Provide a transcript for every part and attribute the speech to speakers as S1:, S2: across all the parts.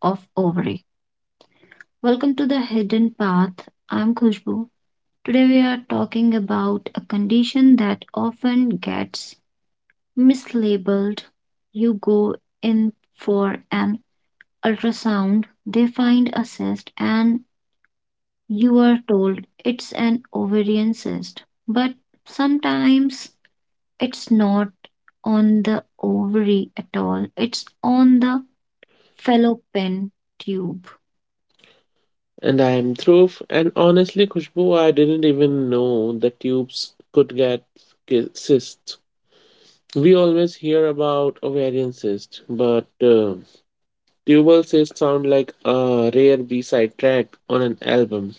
S1: of ovary. Welcome to the Hidden Path. I'm Khushbu. Today we are talking about a condition that often gets mislabeled. You go in for an ultrasound, they find a cyst, and you are told it's an ovarian cyst. But sometimes it's not on the ovary at all, it's on the fellow tube.
S2: And I'm Dhruv, and honestly, Khushbu, I didn't even know the tubes could get cysts. We always hear about ovarian cyst, but tubal cysts sound like a rare B-side track on an album.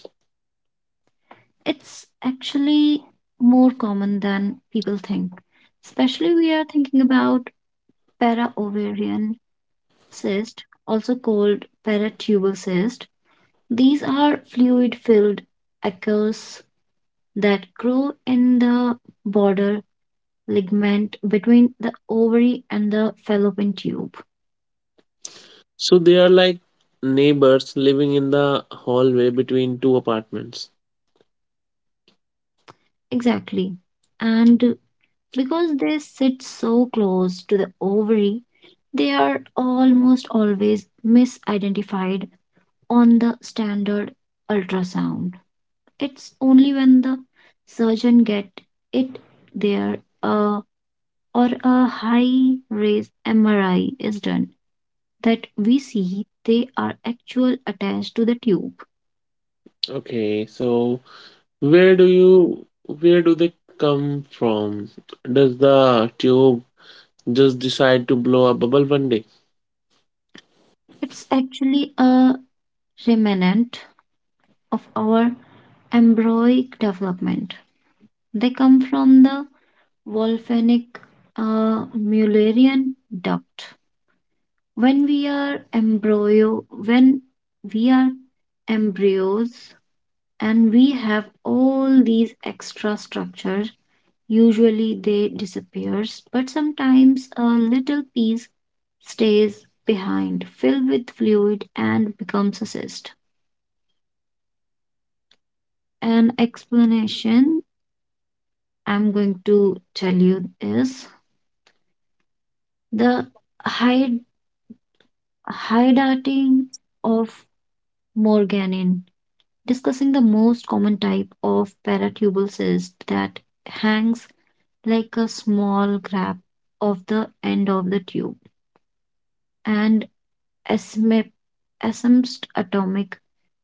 S1: It's actually more common than people think. Especially we are thinking about paraovarian cyst, also called paratubal cyst. These are fluid-filled ackers that grow in the border ligament between the ovary and the fallopian tube.
S2: So they are like neighbors living in the hallway between two apartments.
S1: Exactly. And Because they sit so close to the ovary, they are almost always misidentified on the standard ultrasound. It's only when the surgeon get it there uh, or a high res MRI is done that we see they are actual attached to the tube.
S2: Okay, so where do you where do they come from? Does the tube just decide to blow a bubble one day?
S1: It's actually a remnant of our embryonic development. They come from the Wolfenic Mullerian duct. When we are embryos and we have all these extra structures, usually they disappears, but sometimes a little piece stays behind, filled with fluid and becomes a cyst. An explanation I'm going to tell you is the hyd- hydrating of Morganin, discussing the most common type of paratubule cyst that hangs like a small grab of the end of the tube, and asymep- asympst atomic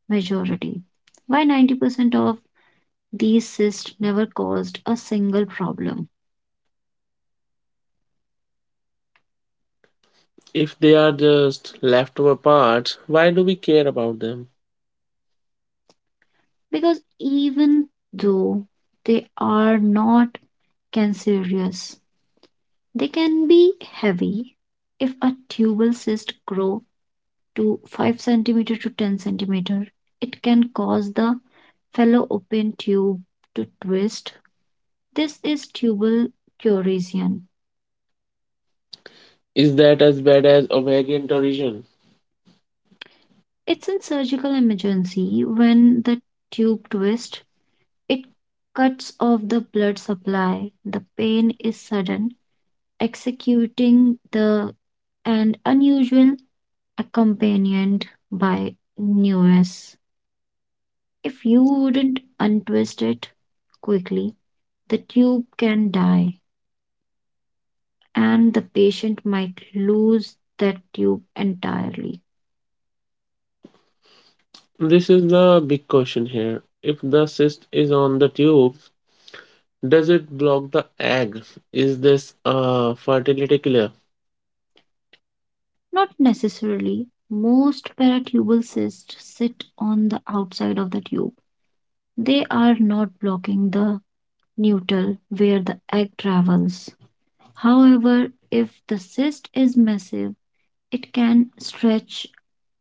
S1: majority. Why 90% of these cysts never caused a single problem?
S2: If they are just leftover parts, why do we care about them?
S1: Because even though they are not cancerous, they can be heavy if a tubal cyst grow to 5 centimeter to 10 centimeter. It can cause the fellow open tube to twist. This is tubal chorosion.
S2: Is that as bad as American origin?
S1: It's in surgical emergency when the tube twists, it cuts off the blood supply. The pain is sudden, executing the and unusual accompanied by newness. If you wouldn't untwist it quickly, the tube can die, and the patient might lose that tube entirely.
S2: This is the big question here. If the cyst is on the tube, does it block the egg? Is this a fertility killer?
S1: Not necessarily. Most paratubal cysts sit on the outside of the tube. They are not blocking the neutal where the egg travels. However, if the cyst is massive, it can stretch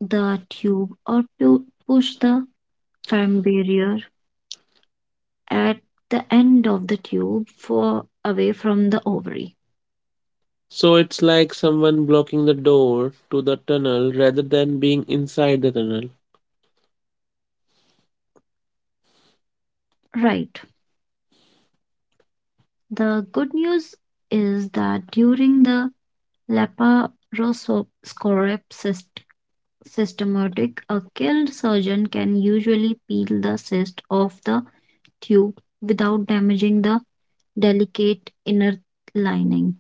S1: the tube or push the phlegm barrier at the end of the tube for away from the ovary.
S2: So it's like someone blocking the door to the tunnel rather than being inside the tunnel.
S1: Right. The good news is that during the laparoscopic cyst- systematic, a skilled surgeon can usually peel the cyst off the tube without damaging the delicate inner lining,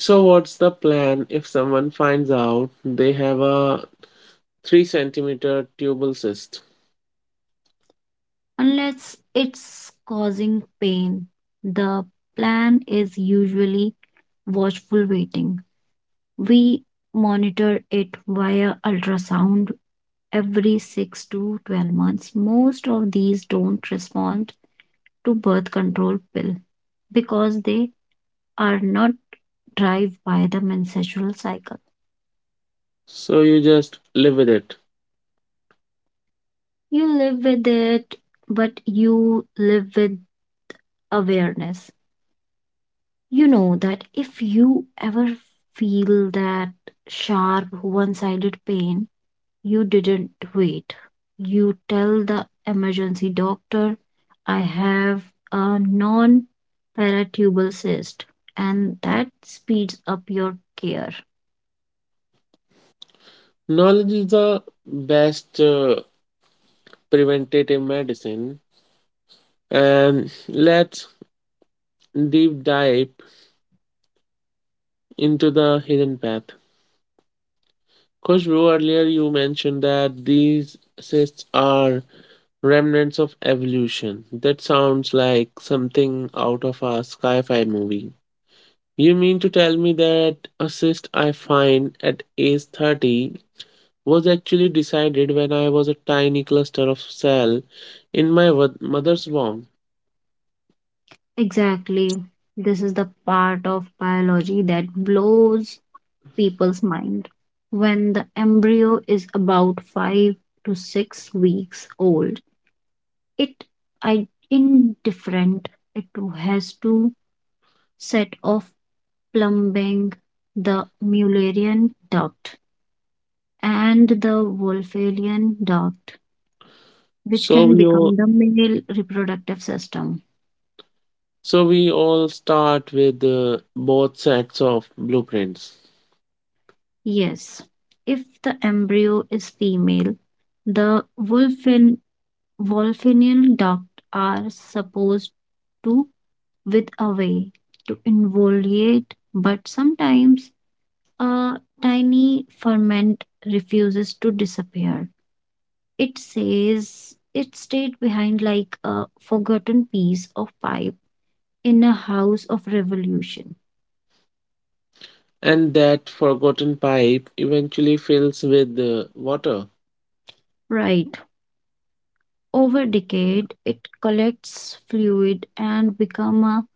S2: So what's the plan if someone finds out they have a 3 centimeter tubal cyst?
S1: unless it's causing pain. The plan is usually watchful waiting. We monitor it via ultrasound every 6 to 12 months. Most of these don't respond to birth control pill because they are not driven by the menstrual cycle.
S2: So you just live with it.
S1: You live with it, but you live with awareness. You know that if you ever feel that sharp one sided pain, you didn't wait. You tell the emergency doctor, I have a non paratubal cyst, and that speeds up your care.
S2: Knowledge is the best preventative medicine, and let's deep dive into the hidden path. Khushbu, earlier you mentioned that these cysts are remnants of evolution. That sounds like something out of a sci fi movie. You mean to tell me that a cyst I find at age 30 was actually decided when I was a tiny cluster of cell in my mother's womb?
S1: Exactly. This is the part of biology that blows people's mind. When the embryo is about 5 to 6 weeks old, it I indifferent. It has to set off plumbing, the Mullerian duct, and the Wolferian duct, which
S2: So
S1: can
S2: we all,
S1: become the male reproductive system.
S2: so we all start with both sets of blueprints,
S1: Yes, if the embryo is female, the Wolfenian duct are supposed to with away to involute, but sometimes a tiny ferment refuses to disappear. It says it stayed behind like a forgotten piece of pipe in a house of revolution.
S2: and that forgotten pipe eventually fills with water.
S1: Right. Over decade, it collects fluid and become a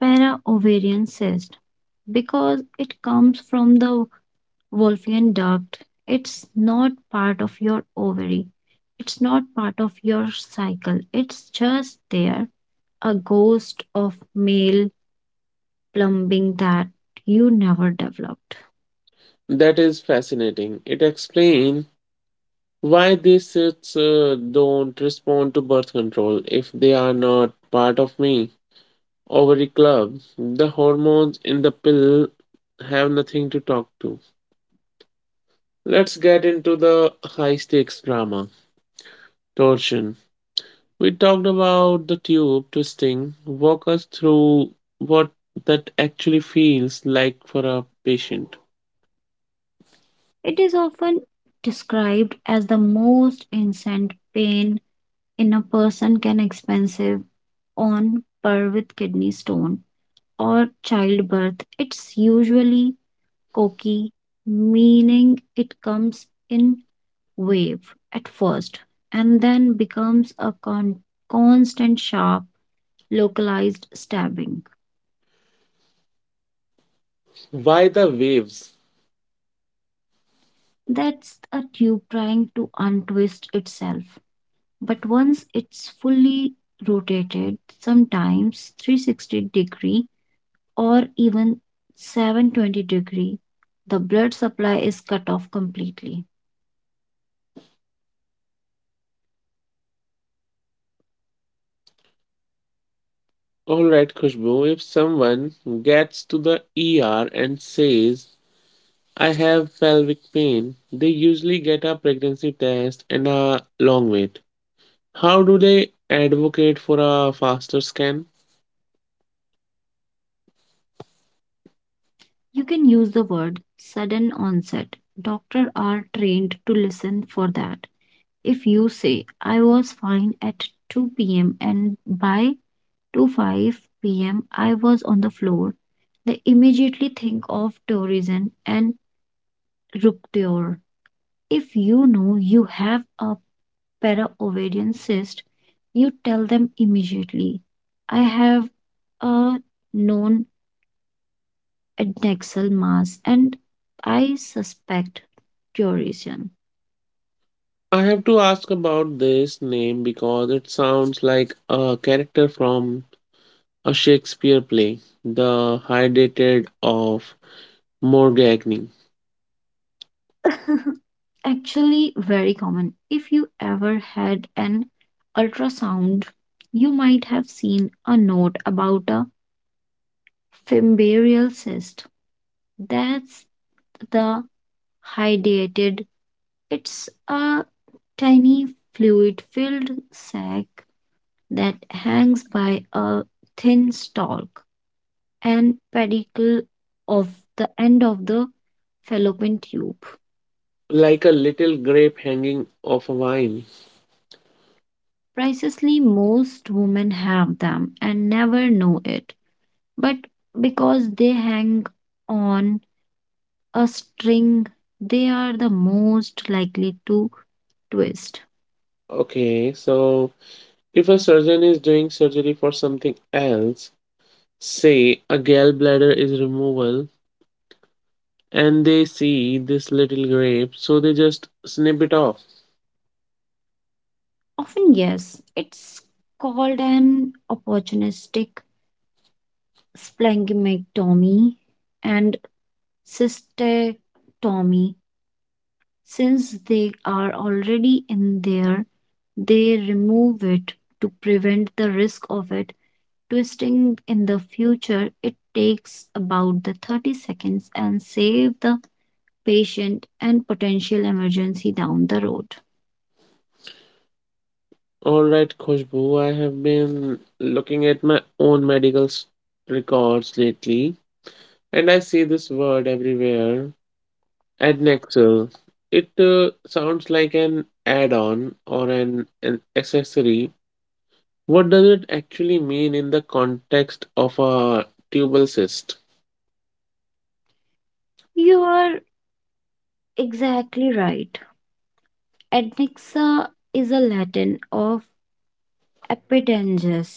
S1: para-ovarian cyst. Because it comes from the Wolffian duct, it's not part of your ovary. It's not part of your cycle. It's just there, a ghost of male plumbing that you never developed.
S2: That is fascinating. It explains why these sets don't respond to birth control if they are not part of me ovary club. The hormones in the pill have nothing to talk to. Let's get into the high stakes drama torsion. We talked about the tube twisting. Walk us through what that actually feels like for a patient.
S1: It is often described as the most instant pain in a person can expensive on par with kidney stone or childbirth. It's usually cocky, meaning it comes in wave at first and then becomes a constant sharp localized stabbing.
S2: Why the waves?
S1: That's a tube trying to untwist itself, but once it's fully rotated, sometimes 360 degree or even 720 degree, the blood supply is cut off completely.
S2: All right, Khushbu, if someone gets to the ER and says, I have pelvic pain, they usually get a pregnancy test and a long wait. How do they advocate for a faster scan?
S1: You can use the word sudden onset. Doctors are trained to listen for that. If you say I was fine at 2 p.m and by 2 5 p.m I was on the floor, they immediately think of tourism and rupture. If you know you have a para-ovarian cyst, you tell them immediately. I have a known adnexal mass and I suspect derision.
S2: I have to ask about this name because it sounds like a character from a Shakespeare play, The hydatid of Morgagni,
S1: Actually, very common. If you ever had an ultrasound, you might have seen a note about a fimbarial cyst. That's the hydatid. It's a tiny fluid filled sac that hangs by a thin stalk and pedicle of the end of the fallopian tube.
S2: like a little grape hanging off a vine.
S1: Precisely, most women have them and never know it, but because they hang on a string, they are the most likely to twist.
S2: Okay, so if a surgeon is doing surgery for something else, say a gallbladder is removal, and they see this little grape, so they just snip it off.
S1: Often, yes, it's called an opportunistic splenectomy and cystectomy. Since they are already in there, they remove it to prevent the risk of it twisting in the future. It takes about the 30 seconds and save the patient and potential emergency down the road.
S2: All right, Khushbu, I have been looking at my own medical records lately, and I see this word everywhere Adnexal. It sounds like an add on or an accessory. What does it actually mean in the context of a tubal cyst?
S1: You are exactly right. Adnexa is a Latin of epidengus.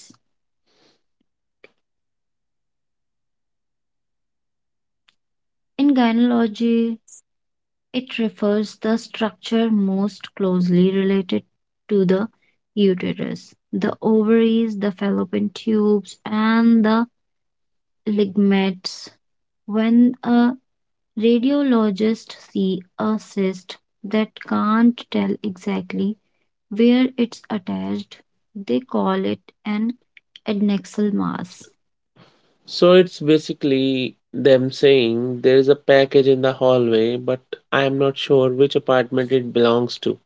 S1: In gynecology, it refers the structure most closely related to the uterus, the ovaries, the fallopian tubes, and the ligaments. When a radiologist sees a cyst that can't tell exactly where it's attached, they call it an adnexal mass.
S2: So it's basically them saying there is a package in the hallway, but I am not sure which apartment it belongs to.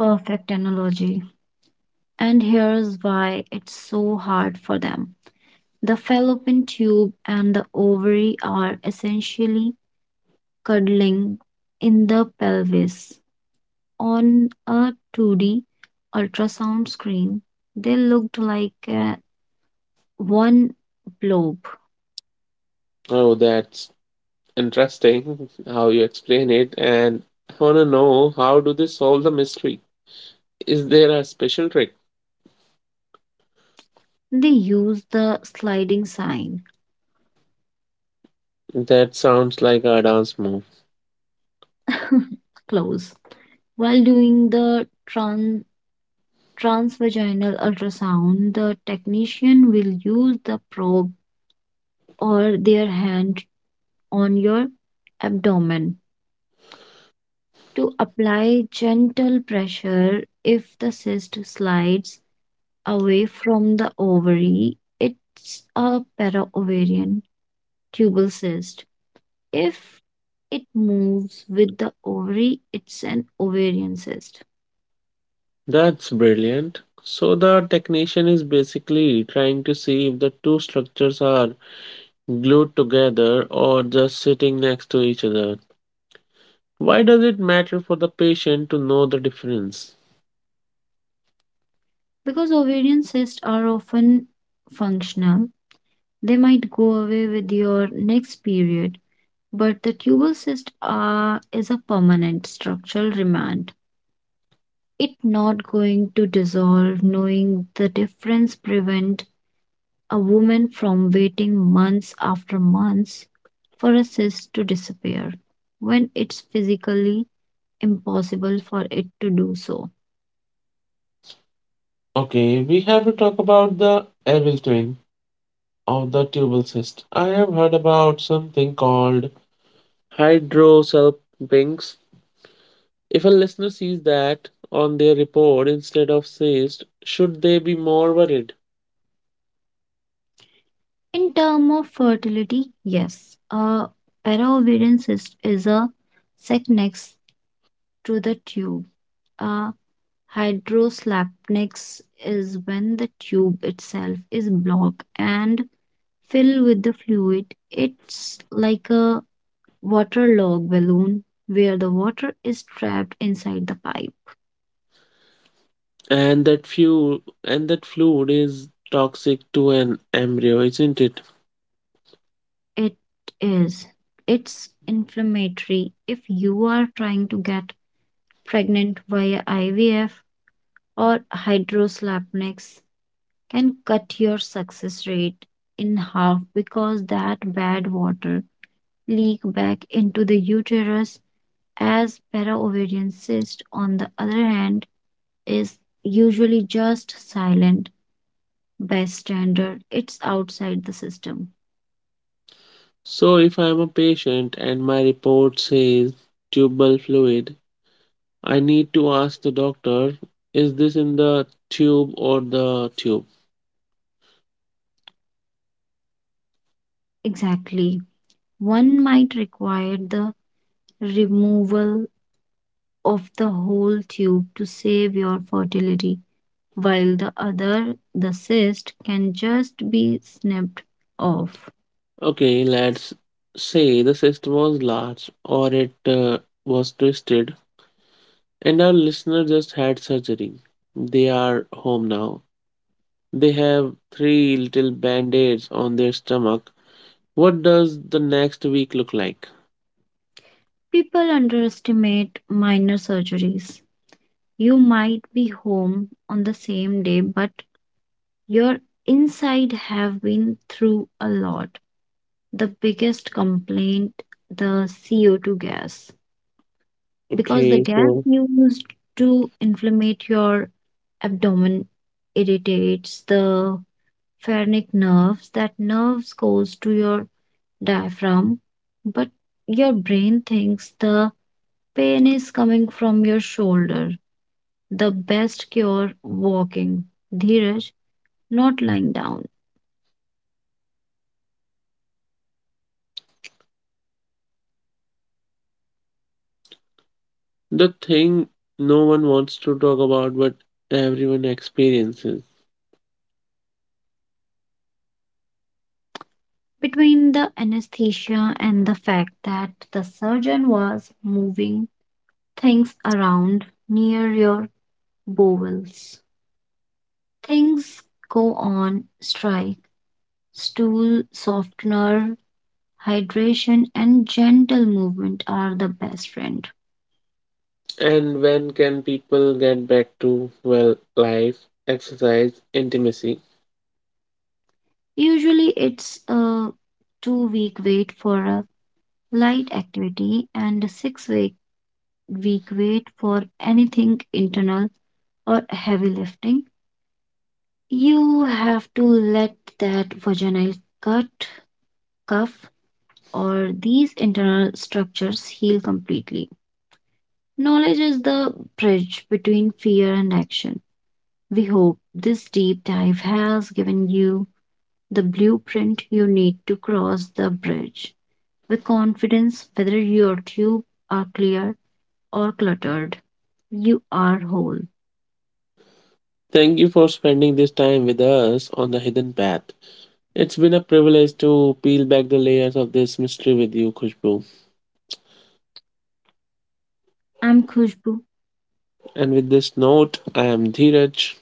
S1: Perfect analogy. And here's why it's so hard for them. The fallopian tube and the ovary are essentially cuddling in the pelvis. On a 2D ultrasound screen, they looked like one blob.
S2: Oh, that's interesting how you explain it. And I want to know how do they solve the mystery? Is there a special trick?
S1: They used the sliding sign,
S2: That sounds like a dance move.
S1: close. While doing the transvaginal ultrasound, the technician will use the probe or their hand on your abdomen to apply gentle pressure. If the cyst slides away from the ovary, it's a paraovarian tubal cyst. If it moves with the ovary, it's an ovarian cyst.
S2: That's brilliant. So the technician is basically trying to see if the two structures are glued together or just sitting next to each other. Why does it matter for the patient to know the difference?
S1: Because ovarian cysts are often functional, they might go away with your next period, but the tubal cyst are, is a permanent structural remand. It not going to dissolve. Knowing the difference prevent a woman from waiting months after months for a cyst to disappear when it's physically impossible for it to do so.
S2: Okay, we have to talk about the evil twin of the tubal cyst. I have heard about something called hydrocele. Hydrosalpinx. If a listener sees that on their report instead of cyst, should they be more worried?
S1: In term of fertility, yes, a paraovarian cyst is a sac next to the tube. A hydroslapnex is when the tube itself is blocked and fill with the fluid. It's like a waterlogged balloon where the water is trapped inside the pipe.
S2: And that fuel and that fluid is toxic to an embryo, isn't it?
S1: It is. It's inflammatory. If you are trying to get pregnant via IVF or hydroslapnics can cut your success rate in half because that bad water leak back into the uterus. As para cyst on the other hand is usually just silent by standard, it's outside the system.
S2: So if I am a patient and my report says tubal fluid, I need to ask the doctor, is this in the tube or the tube?
S1: Exactly. One might require the removal of the whole tube to save your fertility, while the other, the cyst, can just be snipped off.
S2: Okay, let's say the system was large or it was twisted and our listener just had surgery. They are home now. They have three little band-aids on their stomach. What does the next week look like?
S1: People underestimate minor surgeries. You might be home on the same day, but your inside have been through a lot. The biggest complaint, the CO2 gas, because the
S2: Okay,
S1: gas
S2: so
S1: used to inflammate your abdomen irritates the pharynx nerves. That nerves goes to your diaphragm, but your brain thinks the pain is coming from your shoulder. The best cure, walking dheeraj, not lying down.
S2: the thing no one wants to talk about, but everyone experiences.
S1: Between the anesthesia and the fact that the surgeon was moving things around near your bowels, things go on strike. Stool softener, hydration, and gentle movement are the best friend.
S2: And when can people get back to, well, life, exercise, intimacy?
S1: Usually, it's a 2 week wait for a light activity and a six week wait for anything internal or heavy lifting. You have to let that vaginal cut, cuff, or these internal structures heal completely. Knowledge is the bridge between fear and action. We hope this deep dive has given you the blueprint you need to cross the bridge with confidence, whether your tube are clear or cluttered. You are whole.
S2: Thank you for spending this time with us on the hidden path. It's been a privilege to peel back the layers of this mystery with you, Khushbu.
S1: I'm Khushbu.
S2: And with this note, I am Dheeraj.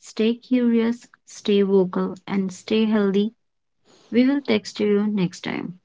S1: Stay curious, stay vocal, and stay healthy. We will text you next time.